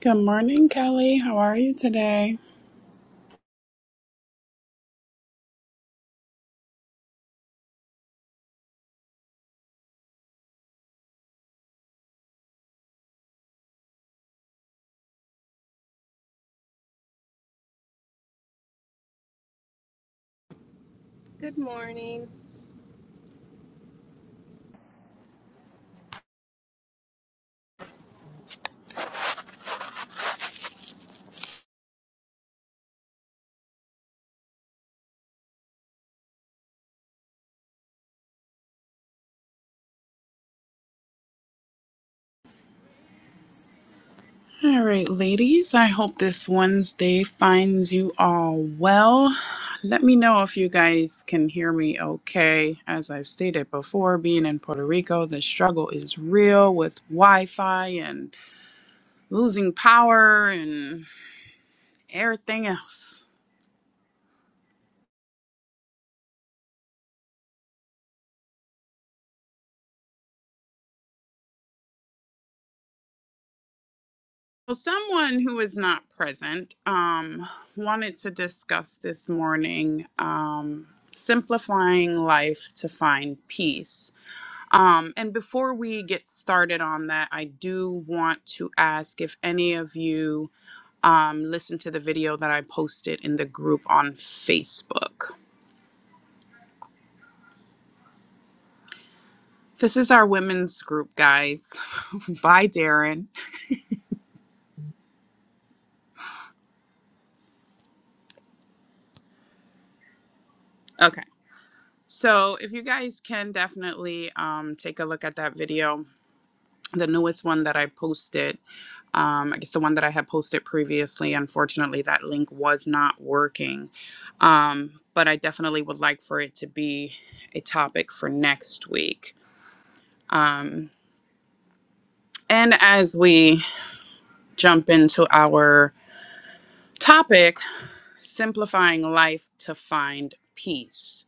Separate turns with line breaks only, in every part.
Good morning, Kelly. How are you today?
Good morning.
All right, ladies. I hope this Wednesday finds you all well. Let me know if you guys can hear me okay. As I've stated before, being in Puerto Rico, the struggle is real with Wi Fi and losing power and everything else. So, someone who is not present um, wanted to discuss this morning um, simplifying life to find peace. Um, and before we get started on that, I do want to ask if any of you um, listen to the video that I posted in the group on Facebook. This is our women's group, guys. Bye, Darren. Okay. So if you guys can definitely um, take a look at that video, the newest one that I posted. um, I guess the one that I had posted previously, unfortunately, that link was not working. Um, but I definitely would like for it to be a topic for next week. Um, and as we jump into our topic, simplifying life to find peace.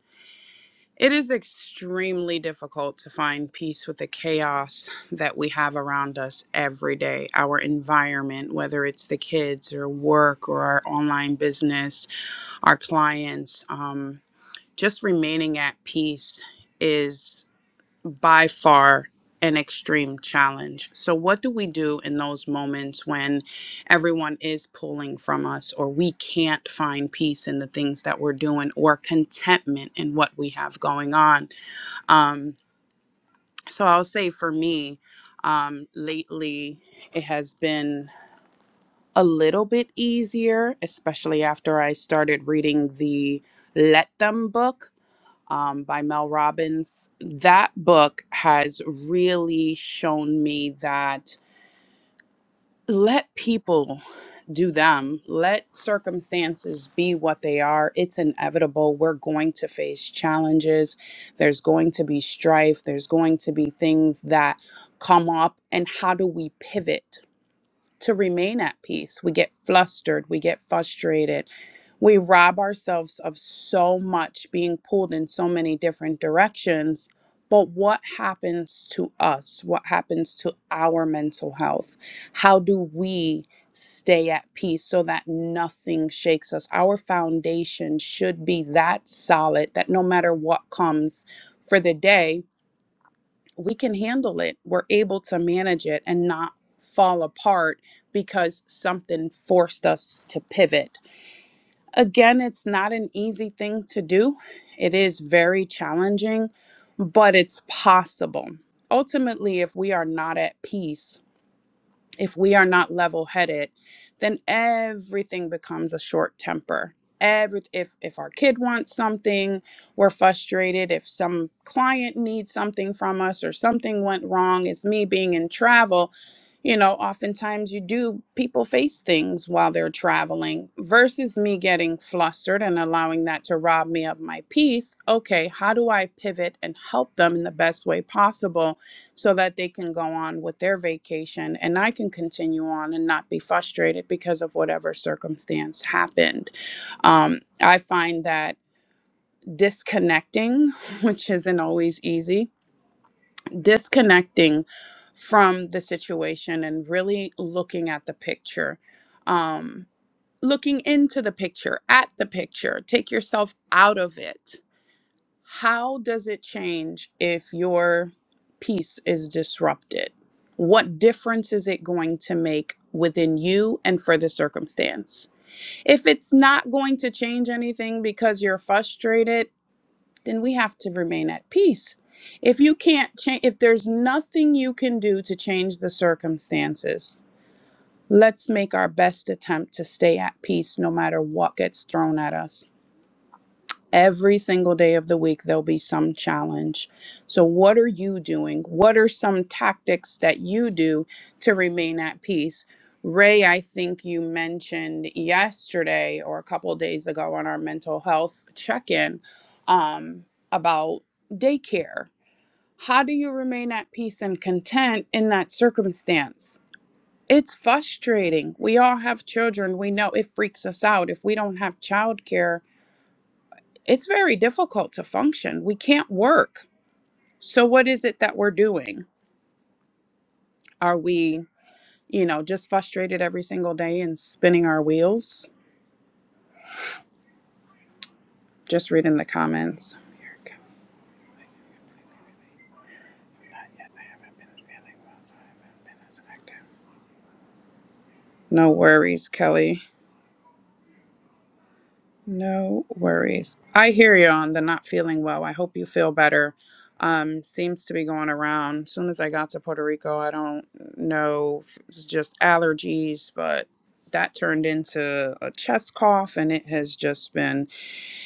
It is extremely difficult to find peace with the chaos that we have around us every day, our environment, whether it's the kids or work or our online business our clients. Um, just remaining at peace is by far an extreme challenge. So, what do we do in those moments when everyone is pulling from us, or we can't find peace in the things that we're doing, or contentment in what we have going on? Um, so, I'll say for me, um, lately, it has been a little bit easier, especially after I started reading the Let Them book um, by Mel Robbins. That book has really shown me that let people do them, let circumstances be what they are. It's inevitable. We're going to face challenges, there's going to be strife, there's going to be things that come up. And how do we pivot? to remain at peace. We get flustered, we get frustrated. We rob ourselves of so much being pulled in so many different directions. But what happens to us? What happens to our mental health? How do we stay at peace so that nothing shakes us? Our foundation should be that solid that no matter what comes for the day, we can handle it. We're able to manage it and not fall apart because something forced us to pivot. Again, it's not an easy thing to do, it is very challenging, but it's possible. Ultimately, if we are not at peace, if we are not level headed, then everything becomes a short temper. Every if if our kid wants something, we're frustrated. If some client needs something from us or something went wrong, it's me being in travel. You know, oftentimes you do people face things while they're traveling versus me getting flustered and allowing that to rob me of my peace. Okay, how do I pivot and help them in the best way possible? so that they can go on with their vacation and I can continue on and not be frustrated because of whatever circumstance happened. Um, I find that disconnecting, which isn't always easy, disconnecting from the situation and really looking at the picture. Um, looking into the picture at the picture take yourself out of it how does it change if your peace is disrupted? What difference is it going to make within you and for the circumstance? If it's not going to change anything because you're frustrated, then we have to remain at peace. If you can't change, if there's nothing you can do to change the circumstances, let's make our best attempt to stay at peace no matter what gets thrown at us Every single day of the week, there'll be some challenge. So, what are you doing? What are some tactics that you do to remain at peace? Ray, I think you mentioned yesterday or a couple of days ago on our mental health check in um, about daycare. How do you remain at peace and content in that circumstance? It's frustrating. We all have children. We know it freaks us out. If we don't have childcare, it's very difficult to function. We can't work. So, what is it that we're doing? Are we, you know, just frustrated every single day and spinning our wheels? Just reading the comments. No worries, Kelly. No worries. I hear you on the not feeling well. I hope you feel better. Um, seems to be going around. As soon as I got to Puerto Rico, I don't know if it's just allergies, but that turned into a chest cough and it has just been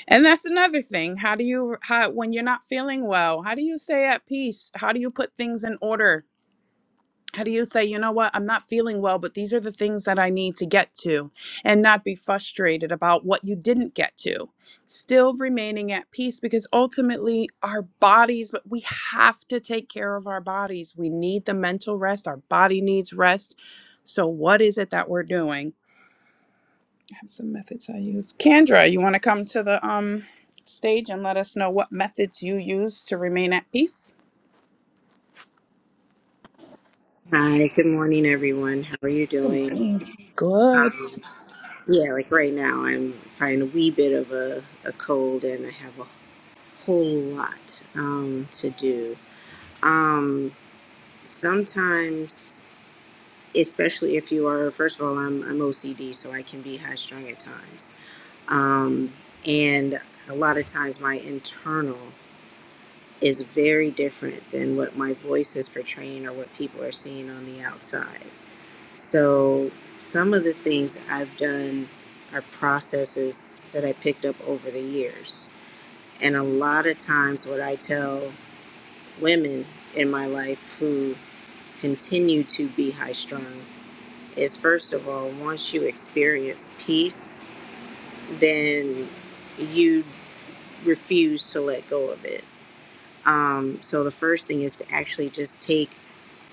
and that's another thing. How do you how when you're not feeling well, how do you stay at peace? How do you put things in order? how do you say, you know what, I'm not feeling well, but these are the things that I need to get to, and not be frustrated about what you didn't get to. Still remaining at peace because ultimately our bodies, but we have to take care of our bodies. We need the mental rest, our body needs rest. So, what is it that we're doing? I have some methods I use. Kendra, you want to come to the um, stage and let us know what methods you use to remain at peace?
Hi, good morning, everyone. How are you
Good
doing?
morning. Good.
Um, yeah, like right now, I'm fighting a wee bit of a, a cold and I have a whole lot um, to do. Um, sometimes, especially if you are, first of all, I'm, I'm OCD, so I can be high strung at times. Um, and a lot of times, my internal is very different than what my voice is portraying or what people are seeing on the outside. So some of the things I've done are processes that I picked up over the years. And a lot of times, what I tell women in my life who continue to be high strung is first of all, once you experience peace, then you refuse to let go of it. Um, so the first thing is to actually just take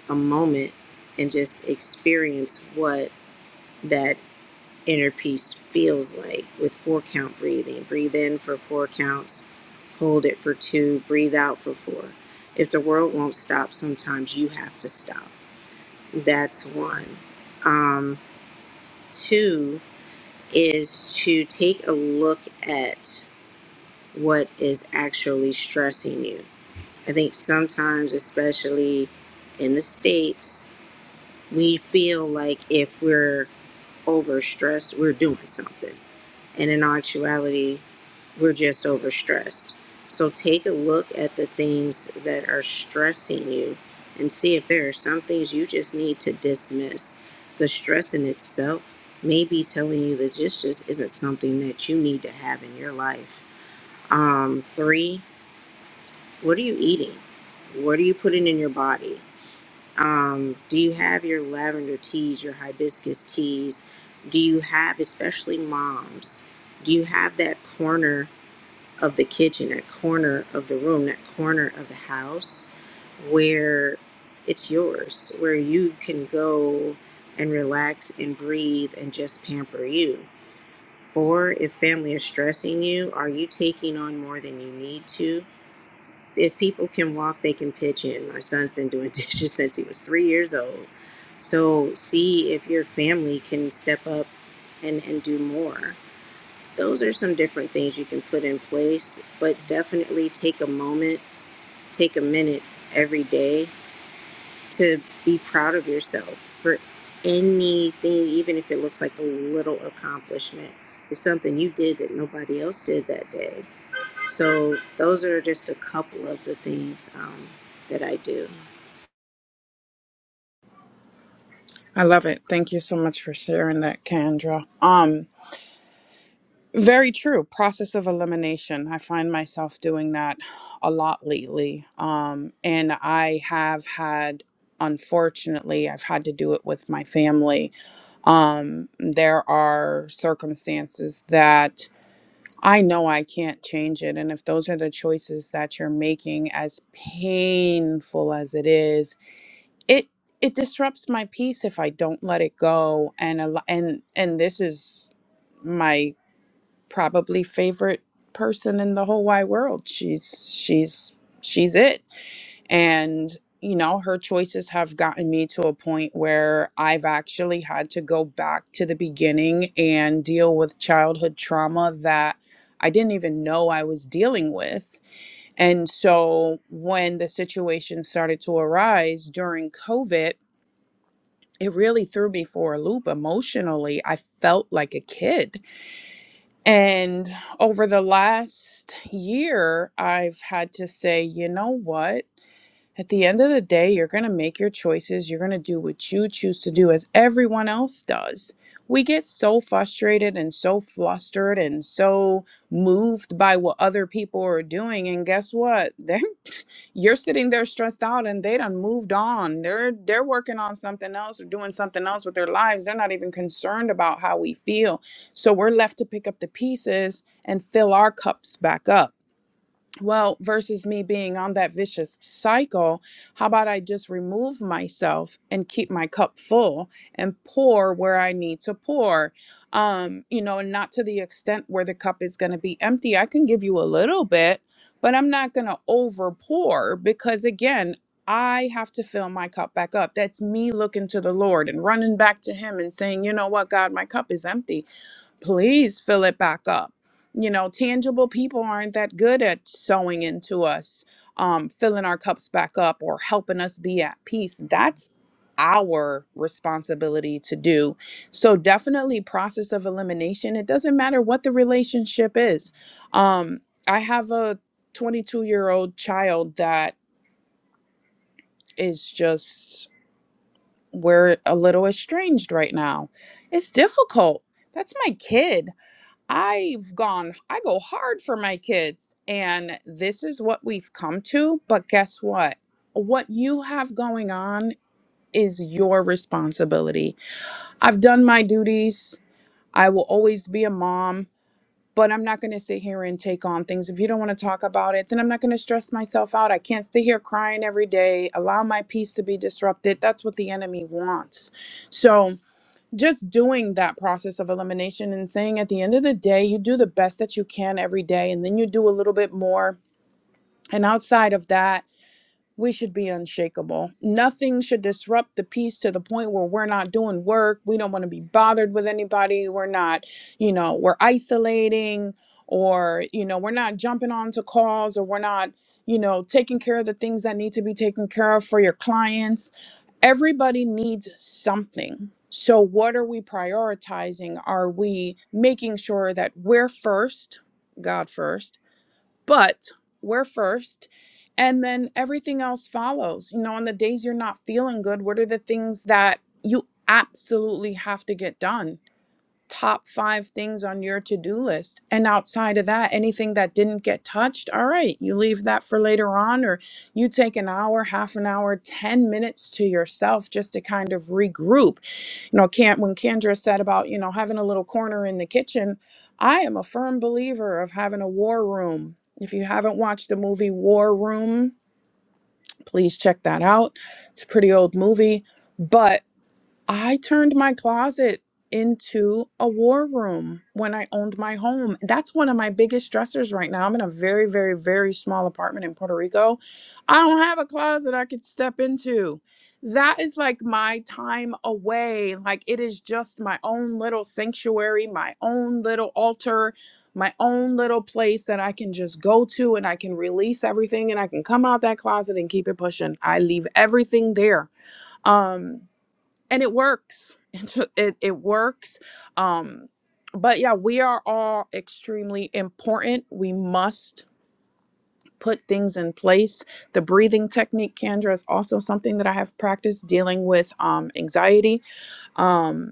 a moment and just experience what that inner peace feels like with four count breathing. Breathe in for four counts, hold it for two, breathe out for four. If the world won't stop, sometimes you have to stop. That's one. Um, two is to take a look at what is actually stressing you. I think sometimes, especially in the States, we feel like if we're overstressed, we're doing something And in actuality, we're just overstressed. So take a look at the things that are stressing you and see if there are some things you just need to dismiss. The stress in itself may be telling you that this just isn't something that you need to have in your life. Um, three, what are you eating? What are you putting in your body? um, do you have your lavender teas your hibiscus teas do you have especially moms do you have that corner of the kitchen that corner of the room that corner of the house where it's yours where you can go and relax and breathe and just pamper you or if family is stressing you are you taking on more than you need to if people can walk, they can pitch in. My son's been doing dishes since he was three years old. So see if your family can step up and, and do more. Those are some different things you can put in place, but definitely take a moment, take a minute every day to be proud of yourself for anything, even if it looks like a little accomplishment. It's something you did that nobody else did that day so those are just a couple of the things um, that I do.
I love it. Thank you so much for sharing that, Kendra. Um, very true. Process of elimination. I find myself doing that a lot lately. Um, and I have had, unfortunately, I've had to do it with my family. Um, there are circumstances that I know I can't change it. And if those are the choices that you're making, as painful as it is, it it disrupts my peace if I don't let it go and a lo- and and this is my probably favorite person in the whole wide world she's she's she's it and you know her choices have gotten me to a point where I've actually had to go back to the beginning and deal with childhood trauma that I didn't even know I was dealing with and so when the situation started to arise during covid it really threw me for a loop emotionally. I felt like a kid. And over the last year, I've had to say, you know what? At the end of the day, you're going to make your choices. You're going to do what you choose to do, as everyone else does. We get so frustrated and so flustered and so moved by what other people are doing. And guess what? They're you're sitting there stressed out and they done moved on. They're they're working on something else or doing something else with their lives. They're not even concerned about how we feel. So we're left to pick up the pieces and fill our cups back up well, versus me being on that vicious cycle, how about I just remove myself and keep my cup full and pour where I need to pour? Um, you know, and not to the extent where the cup is going to be empty. I can give you a little bit, but I'm not going to over pour because, again, I have to fill my cup back up. That's me looking to the Lord and running back to Him and saying, you know what, God, my cup is empty please fill it back up. You know, tangible people aren't that good at sewing into us, um, filling our cups back up, or helping us be at peace. That's our responsibility to do. So, definitely, process of elimination. It doesn't matter what the relationship is. Um, I have a 22 year old child that is just, we're a little estranged right now. It's difficult. That's my kid I've gone, I go hard for my kids, and this is what we've come to. But guess what? What you have going on is your responsibility. I've done my duties. I will always be a mom, but I'm not going to sit here and take on things. If you don't want to talk about it, then I'm not going to stress myself out. I can't stay here crying every day, allow my peace to be disrupted. That's what the enemy wants. So, just doing that process of elimination and saying at the end of the day, you do the best that you can every day, and then you do a little bit more. And outside of that, we should be unshakable. Nothing should disrupt the peace to the point where we're not doing work. We don't want to be bothered with anybody. We're not, you know, we're isolating or, you know, we're not jumping onto calls or we're not, you know, taking care of the things that need to be taken care of for your clients everybody needs something. So, what are we prioritizing? Are we making sure that we're first, God first, but we're first, and then everything else follows? You know, on the days you're not feeling good, what are the things that you absolutely have to get done? top five things on your to do list. And outside of that, anything that didn't get touched, all right, you leave that for later on, or you take an hour, half an hour, 10 minutes to yourself just to kind of regroup. You know, can when Kendra said about, you know, having a little corner in the kitchen, I am a firm believer of having a war room. If you haven't watched the movie War Room, please check that out. It's a pretty old movie. but. I turned my closet into a war room when I owned my home. That's one of my biggest stressors right now. I'm in a very, very, very small apartment in Puerto Rico. I don't have a closet I could step into. That is like my time away. Like it is just my own little sanctuary, my own little altar, my own little place that I can just go to and I can release everything and I can come out that closet and keep it pushing. I leave everything there. Um and it works it, it it works um but yeah we are all extremely important we must put things in place the breathing technique Kendra, is also something that i have practiced dealing with um anxiety um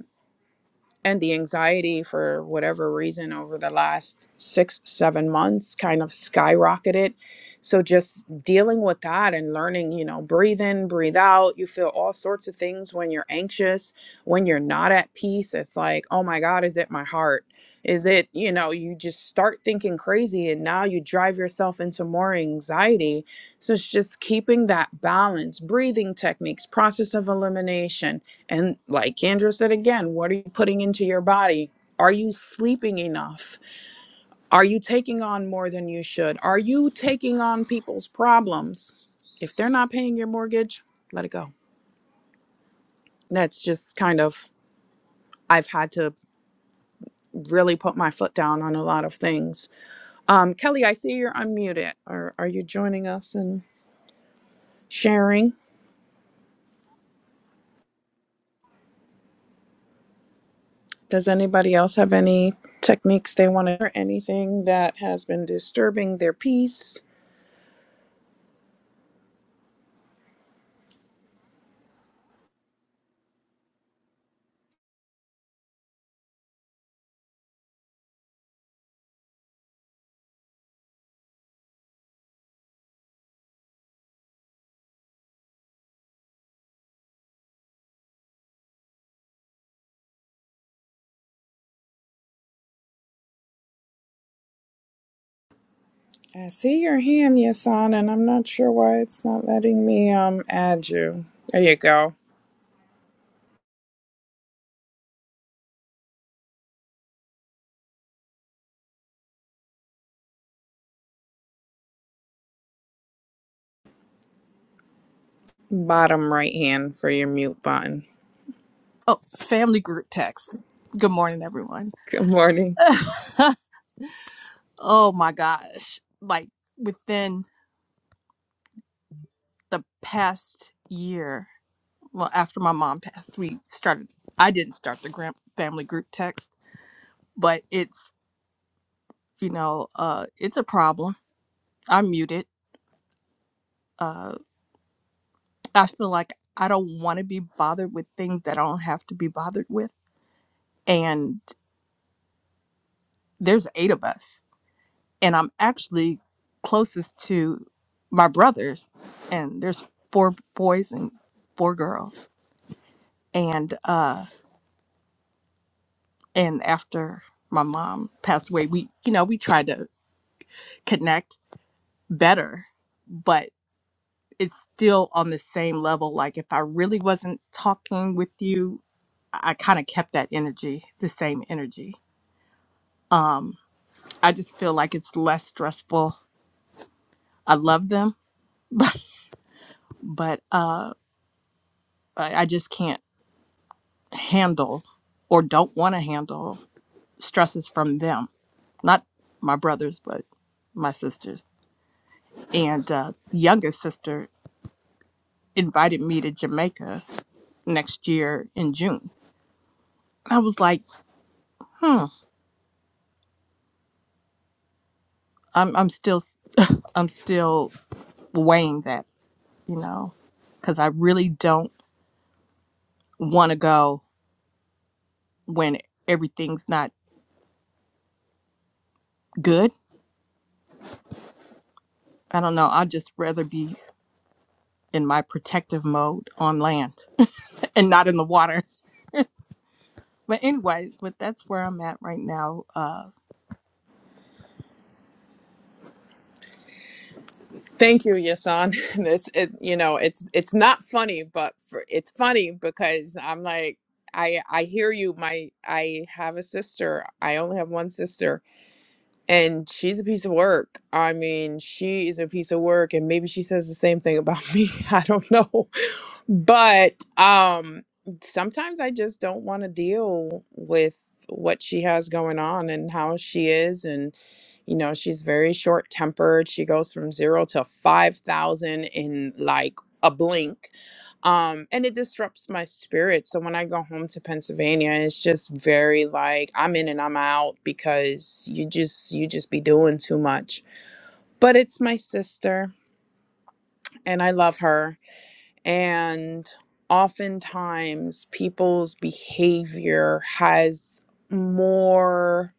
and the anxiety for whatever reason over the last six seven months kind of skyrocketed so just dealing with that and learning you know breathe in breathe out you feel all sorts of things when you're anxious when you're not at peace it's like oh my god is it my heart is it you know you just start thinking crazy and now you drive yourself into more anxiety so it's just keeping that balance breathing techniques process of elimination and like Kendra said again, what are you putting into your body? Are you sleeping enough? Are you taking on more than you should? Are you taking on people's problems? If they're not paying your mortgage, let it go. That's just kind of, I've had to really put my foot down on a lot of things. Um, Kelly, I see you're unmuted. Are, are you joining us and sharing? Does anybody else have any techniques they want to, or anything that has been disturbing their peace? I see your hand, Yasan, and I'm not sure why it's not letting me um add you. There you go. Bottom right hand for your mute button.
Oh, family group text. Good morning, everyone.
Good morning.
oh my gosh. Like within the past year, well, after my mom passed, we started, I didn't start the grand family group text, but it's, you know, uh, it's a problem. I'm muted. Uh, I feel like I don't want to be bothered with things that I don't have to be bothered with. And there's eight of us and I'm actually closest to my brothers, and there's four boys and four girls. And uh, and after my mom passed away, we you know we tried to connect better, but it's still on the same level. Like if I really wasn't talking with you, I kind of kept that energy, the same energy. I just feel like it's less stressful. I love them, but uh, I, I just can't. handle or don't want to handle stresses from them not my brothers but my sisters and uh, the youngest sister invited me to jamaica next year in june i was like hmm i'm, I'm still i'm still weighing that you know because i really don't want to go when everything's not good i don't know i'd just rather be in my protective mode on land and not in the water But anyway, but that's where I'm at right now. Uh
Thank you, Yasan. It's it you know, it's it's not funny, but for, it's funny because I'm like I I hear you. My I have a sister. I only have one sister And she's a piece of work. I mean, she is a piece of work and maybe she says the same thing about me. I don't know. But um sometimes I just don't want to deal with what she has going on and how she is and you know, she's very short-tempered. She goes from 0 to 5,000 in like a blink um and it disrupts my spirit so when i go home to pennsylvania it's just very like i'm in and i'm out because you just you just be doing too much but it's my sister and i love her and oftentimes people's behavior has more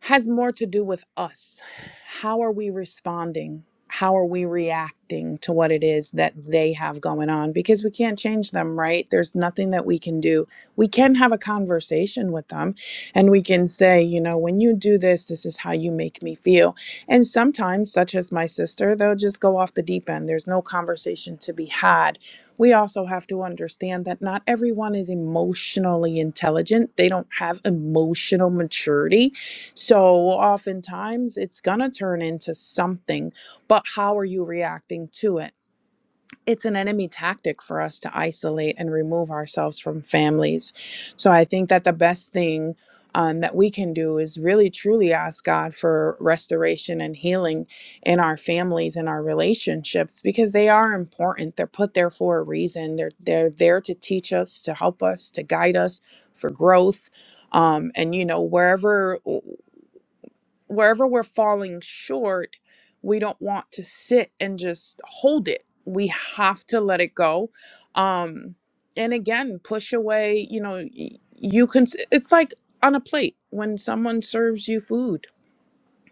has more to do with us. How are we responding? How are we reacting to what it is that they have going on? Because we can't change them, right? There's nothing that we can do. We can have a conversation with them and we can say, you know, when you do this, this is how you make me feel. And sometimes, such as my sister, they'll just go off the deep end. There's no conversation to be had. We also have to understand that not everyone is emotionally intelligent, they don't have emotional maturity so oftentimes it's going to turn into something, but how are you reacting to it? It's an enemy tactic for us to isolate and remove ourselves from families. So I think that the best thing um, that we can do is really truly ask God for restoration and healing in our families and our relationships because they are important. They're put there for a reason. They're they're there to teach us, to help us, to guide us for growth um, and you know wherever wherever we're falling short, we don't want to sit and just hold it. We have to let it go. Um, and again, push away, you know, y- you can, it's like on a plate when someone serves you food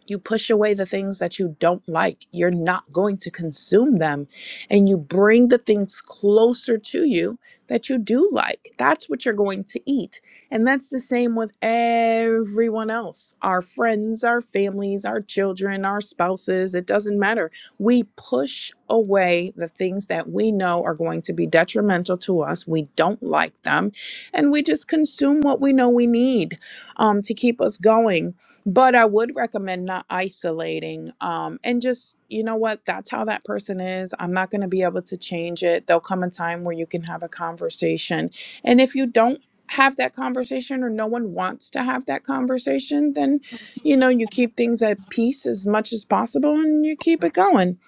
you push away the things that you don't like. You're not going to consume them. And you bring the things closer to you that you do like. That's what you're going to eat. And that's the same with everyone else our friends, our families, our children, our spouses. It doesn't matter. We push away the things that we know are going to be detrimental to us. We don't like them. And we just consume what we know we need um, to keep us going but I would recommend not isolating. Um, and just, you know what? That's how that person is. I'm not going to be able to change it. There'll come a time where you can have a conversation. And if you don't have that conversation or no one wants to have that conversation, then, you know, you keep things at peace as much as possible and you keep it going.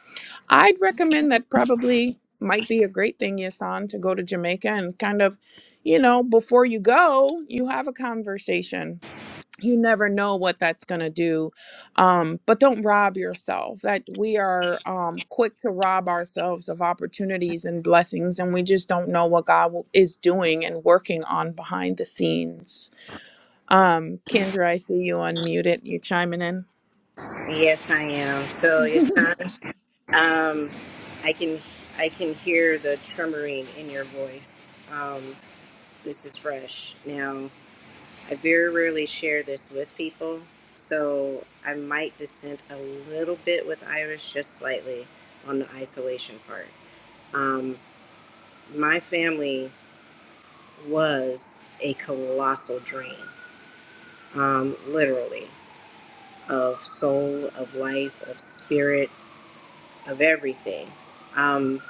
I'd recommend that probably might be a great thing, Yasan, to go to Jamaica and kind of, you know, before you go, you have a conversation you never know what that's going to do um, but don't rob yourself that we are um, quick to rob ourselves of opportunities and blessings and we just don't know what god w- is doing and working on behind the scenes um, kendra i see you unmuted you chiming in
Yes, I am. So yes, um, I can I can hear the tremoring in your voice. Um, this is fresh. Now, I very rarely share this with people, so I might dissent a little bit with Iris, just slightly, on the isolation part. Um, my family was a colossal drain, um, literally. of soul, of life, of spirit, of everything um,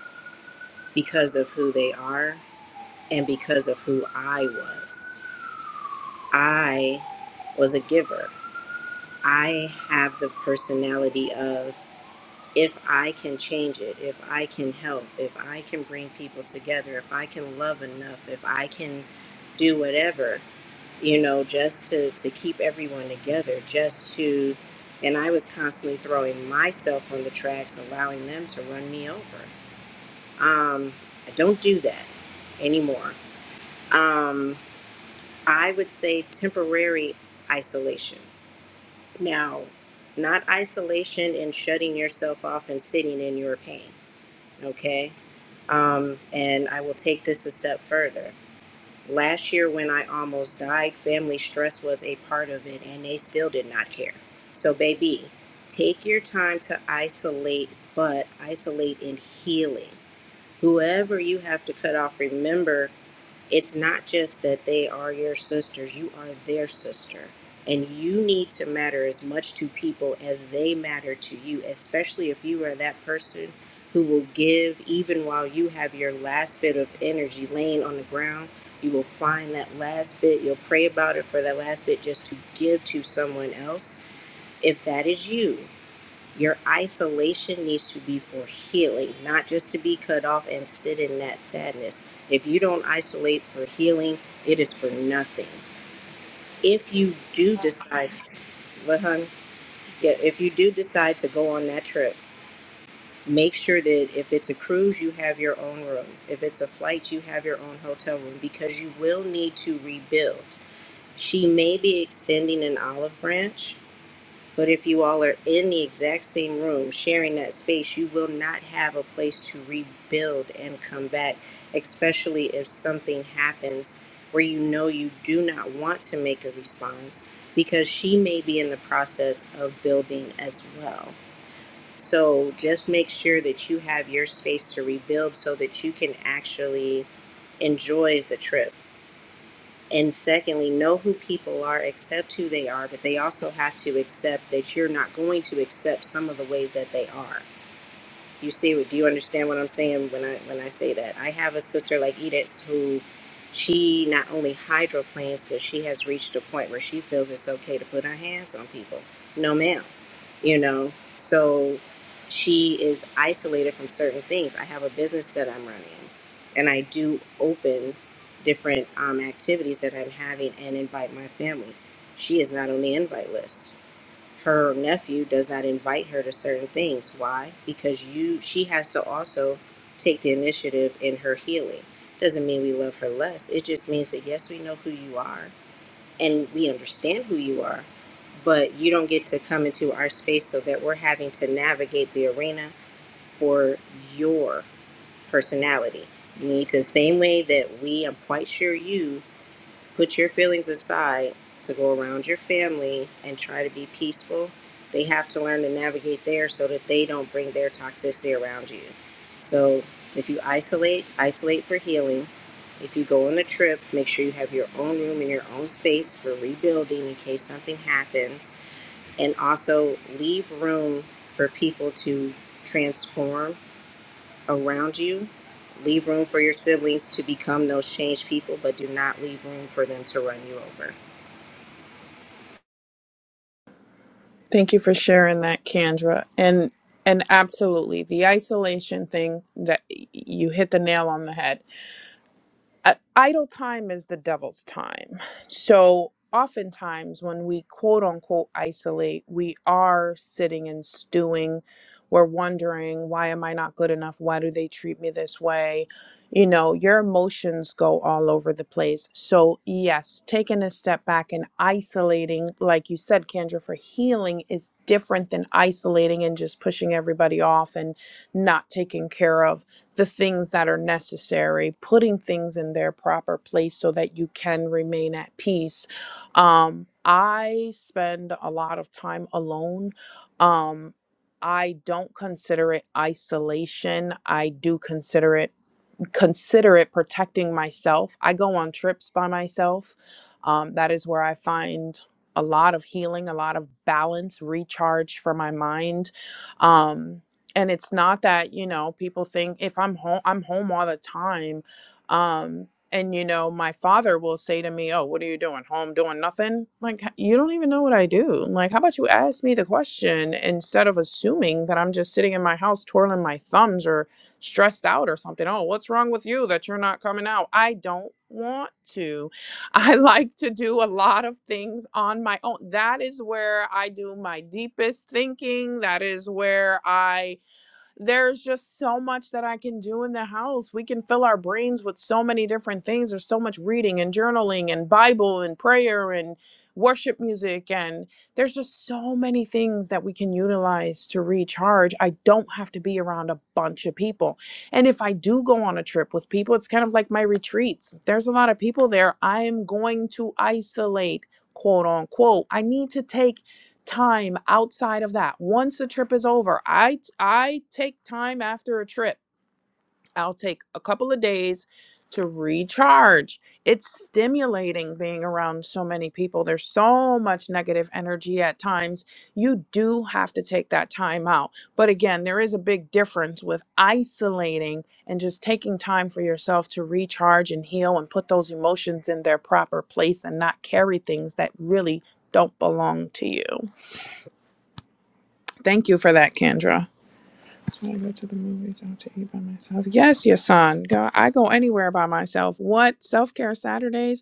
because of who they are and because of who I was. I was a giver. I have the personality of if I can change it, if I can help, if I can bring people together, if I can love enough, if I can do whatever, you know, just to, to keep everyone together, just to, and I was constantly throwing myself on the tracks, allowing them to run me over. Um, I don't do that anymore. Um, I would say temporary isolation. Now, not isolation and shutting yourself off and sitting in your pain, okay? Um, and I will take this a step further. Last year, when I almost died, family stress was a part of it, and they still did not care. So, baby, take your time to isolate, but isolate in healing. Whoever you have to cut off, remember it's not just that they are your sisters, you are their sister. And you need to matter as much to people as they matter to you, especially if you are that person who will give even while you have your last bit of energy laying on the ground. You will find that last bit, you'll pray about it for that last bit just to give to someone else. If that is you, your isolation needs to be for healing, not just to be cut off and sit in that sadness. If you don't isolate for healing, it is for nothing. If you do decide, but hun, yeah, if you do decide to go on that trip, make sure that if it's a cruise, you have your own room. If it's a flight, you have your own hotel room because you will need to rebuild. She may be extending an olive branch But if you all are in the exact same room sharing that space, you will not have a place to rebuild and come back, especially if something happens where you know you do not want to make a response because she may be in the process of building as well. So just make sure that you have your space to rebuild so that you can actually enjoy the trip and secondly, know who people are, accept who they are, but they also have to accept that you're not going to accept some of the ways that they are. You see what do you understand what I'm saying when I when I say that? I have a sister like Edith who she not only hydroplanes, but she has reached a point where she feels it's okay to put her hands on people. No ma'am. You know? So she is isolated from certain things. I have a business that I'm running and I do open different um, activities that I'm having and invite my family. She is not on the invite list her nephew does not invite her to certain things. Why? Because you she has to also take the initiative in her healing. Doesn't mean we love her less. It just means that yes, we know who you are and we understand who you are, but you don't get to come into our space so that we're having to navigate the arena for your personality. You need to the same way that we, I'm quite sure you Put your feelings aside to go around your family and try to be peaceful. They have to learn to navigate there so that they don't bring their toxicity around you. So if you isolate, isolate for healing. If you go on a trip, make sure you have your own room and your own space for rebuilding in case something happens. And also leave room for people to transform around you. Leave room for your siblings to become those changed people, but do not leave room for them to run you over.
thank you for sharing that kendra and and absolutely the isolation thing that y- you hit the nail on the head uh, idle time is the devil's time. So oftentimes when we quote unquote isolate, we are sitting and stewing. We're wondering, why am I not good enough? Why do they treat me this way? You know, your emotions go all over the place. So, yes, taking a step back and isolating, like you said, Kendra, for healing is different than isolating and just pushing everybody off and not taking care of the things that are necessary, putting things in their proper place so that you can remain at peace. Um, I spend a lot of time alone. Um, I don't consider it isolation. I do consider it consider it protecting myself. I go on trips by myself. Um, that is where I find a lot of healing, a lot of balance, recharge for my mind. Um, and it's not that you know people think if I'm home, I'm home all the time. Um, and you know, my father will say to me, "Oh, what are you doing? Home doing nothing? Like h- you don't even know what I do. Like, how about you ask me the question instead of assuming that I'm just sitting in my house twirling my thumbs or stressed out or something. Oh, what's wrong with you that you're not coming out? I don't want to. I like to do a lot of things on my own. That is where I do my deepest thinking. That is where I there's just so much that I can do in the house. We can fill our brains with so many different things. There's so much reading and journaling and Bible and prayer and worship music. And there's just so many things that we can utilize to recharge. I don't have to be around a bunch of people. And if I do go on a trip with people, it's kind of like my retreats. There's a lot of people there. I am going to isolate, quote unquote. I need to take time outside of that. Once the trip is over, I I take time after a trip. I'll take a couple of days to recharge. It's stimulating being around so many people. There's so much negative energy at times. You do have to take that time out. But again, there is a big difference with isolating and just taking time for yourself to recharge and heal and put those emotions in their proper place and not carry things that really don't belong to you. Thank you for that, Kendra. So I go to the movies out to eat by myself. Yes, your son. Go, I go anywhere by myself. What? Self care Saturdays?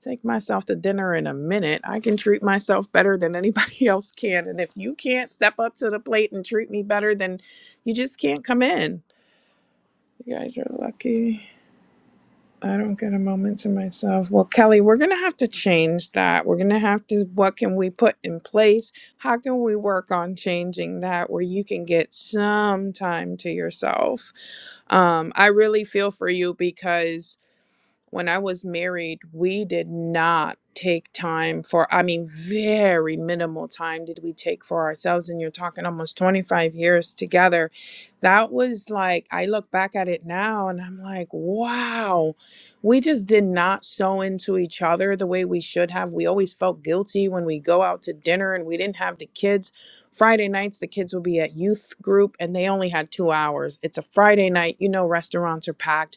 Take myself to dinner in a minute. I can treat myself better than anybody else can. And if you can't step up to the plate and treat me better, then you just can't come in. You guys are lucky. I don't get a moment to myself. Well, Kelly, we're going to have to change that. We're going to have to, what can we put in place? How can we work on changing that where you can get some time to yourself? Um, I really feel for you because when I was married, we did not take time for, I mean, very minimal time did we take for ourselves. And you're talking almost 25 years together. That was like, I look back at it now and I'm like, wow, we just did not sew into each other the way we should have. We always felt guilty when we go out to dinner and we didn't have the kids. Friday nights, the kids would be at youth group and they only had two hours. It's a Friday night, you know, restaurants are packed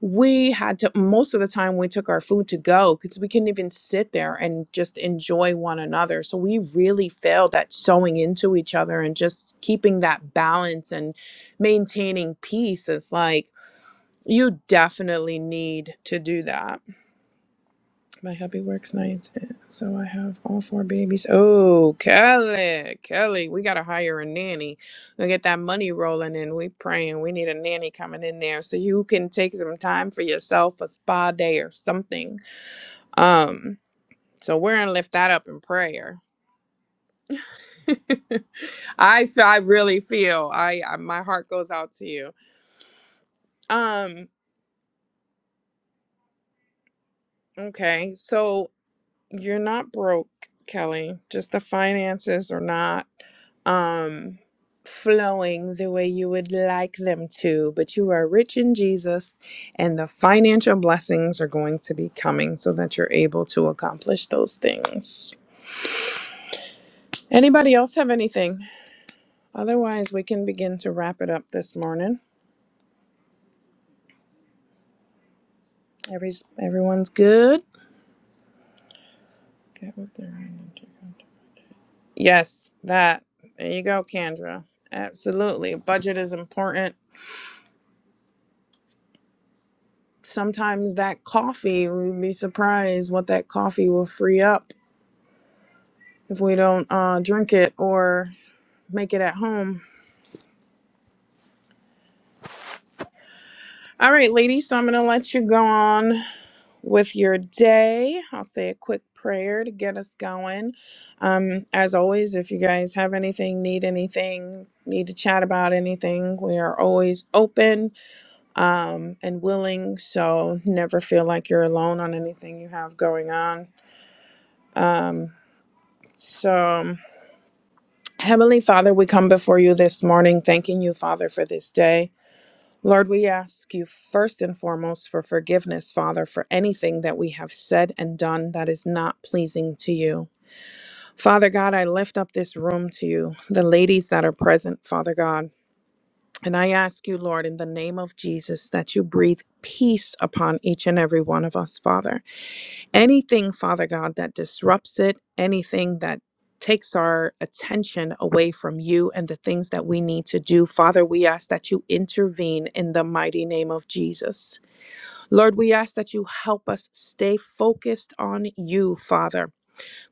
we had to most of the time we took our food to go because we couldn't even sit there and just enjoy one another so we really failed at sewing into each other and just keeping that balance and maintaining peace is like you definitely need to do that my hubby works nights, so I have all four babies. Oh, Kelly, Kelly, we gotta hire a nanny. We get that money rolling, and we praying. We need a nanny coming in there so you can take some time for yourself, a spa day or something. Um, so we're gonna lift that up in prayer. I I really feel I, I my heart goes out to you. Um, okay, so you're not broke, Kelly. Just the finances are not um flowing the way you would like them to, but you are rich in Jesus and the financial blessings are going to be coming so that you're able to accomplish those things. Anybody else have anything? Otherwise, we can begin to wrap it up this morning. Every everyone's good. Get with their energy. Yes, that. There you go, Kendra. Absolutely. Budget is important sometimes that coffee we'd be surprised what that coffee will free up if we don't uh, drink it or make it at home all right ladies so i'm gonna let you go on with your day i'll say a quick prayer to get us going um, as always if you guys have anything need anything need to chat about anything we are always open um, and willing so never feel like you're alone on anything you have going on um, so Heavenly Father, we come before you this morning, thanking you, Father, for this day. Lord, we ask you first and foremost for forgiveness, Father, for anything that we have said and done that is not pleasing to you. Father God, I lift up this room to you, the ladies that are present, Father God. And I ask you, Lord, in the name of Jesus, that you breathe peace upon each and every one of us, Father anything, Father God, that disrupts it, anything that takes our attention away from you and the things that we need to do, Father, we ask that you intervene in the mighty name of Jesus. Lord, we ask that you help us stay focused on you, Father.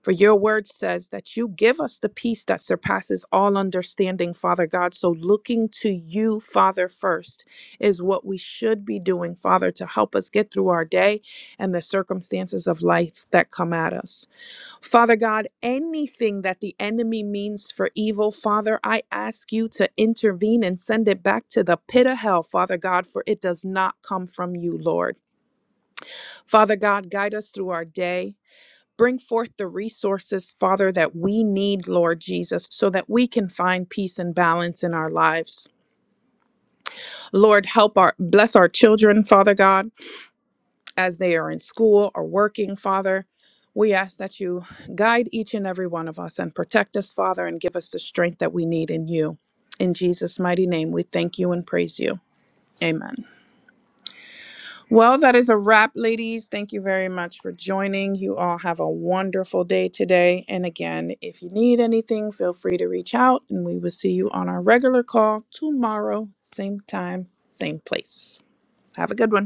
For your word says that you give us the peace that surpasses all understanding, Father God. So, looking to you, Father, first is what we should be doing, Father, to help us get through our day and the circumstances of life that come at us. Father God, anything that the enemy means for evil, Father, I ask you to intervene and send it back to the pit of hell, Father God, for it does not come from you, Lord. Father God, guide us through our day. Bring forth the resources, Father, that we need, Lord Jesus, so that we can find peace and balance in our lives. Lord, help our bless our children, Father God, as they are in school or working, Father. We ask that you guide each and every one of us and protect us, Father, and give us the strength that we need in you. In Jesus' mighty name, we thank you and praise you. Amen. Well, that is a wrap, ladies. Thank you very much for joining. You all have a wonderful day today. And again, if you need anything, feel free to reach out, and we will see you on our regular call tomorrow, same time, same place. Have a good one.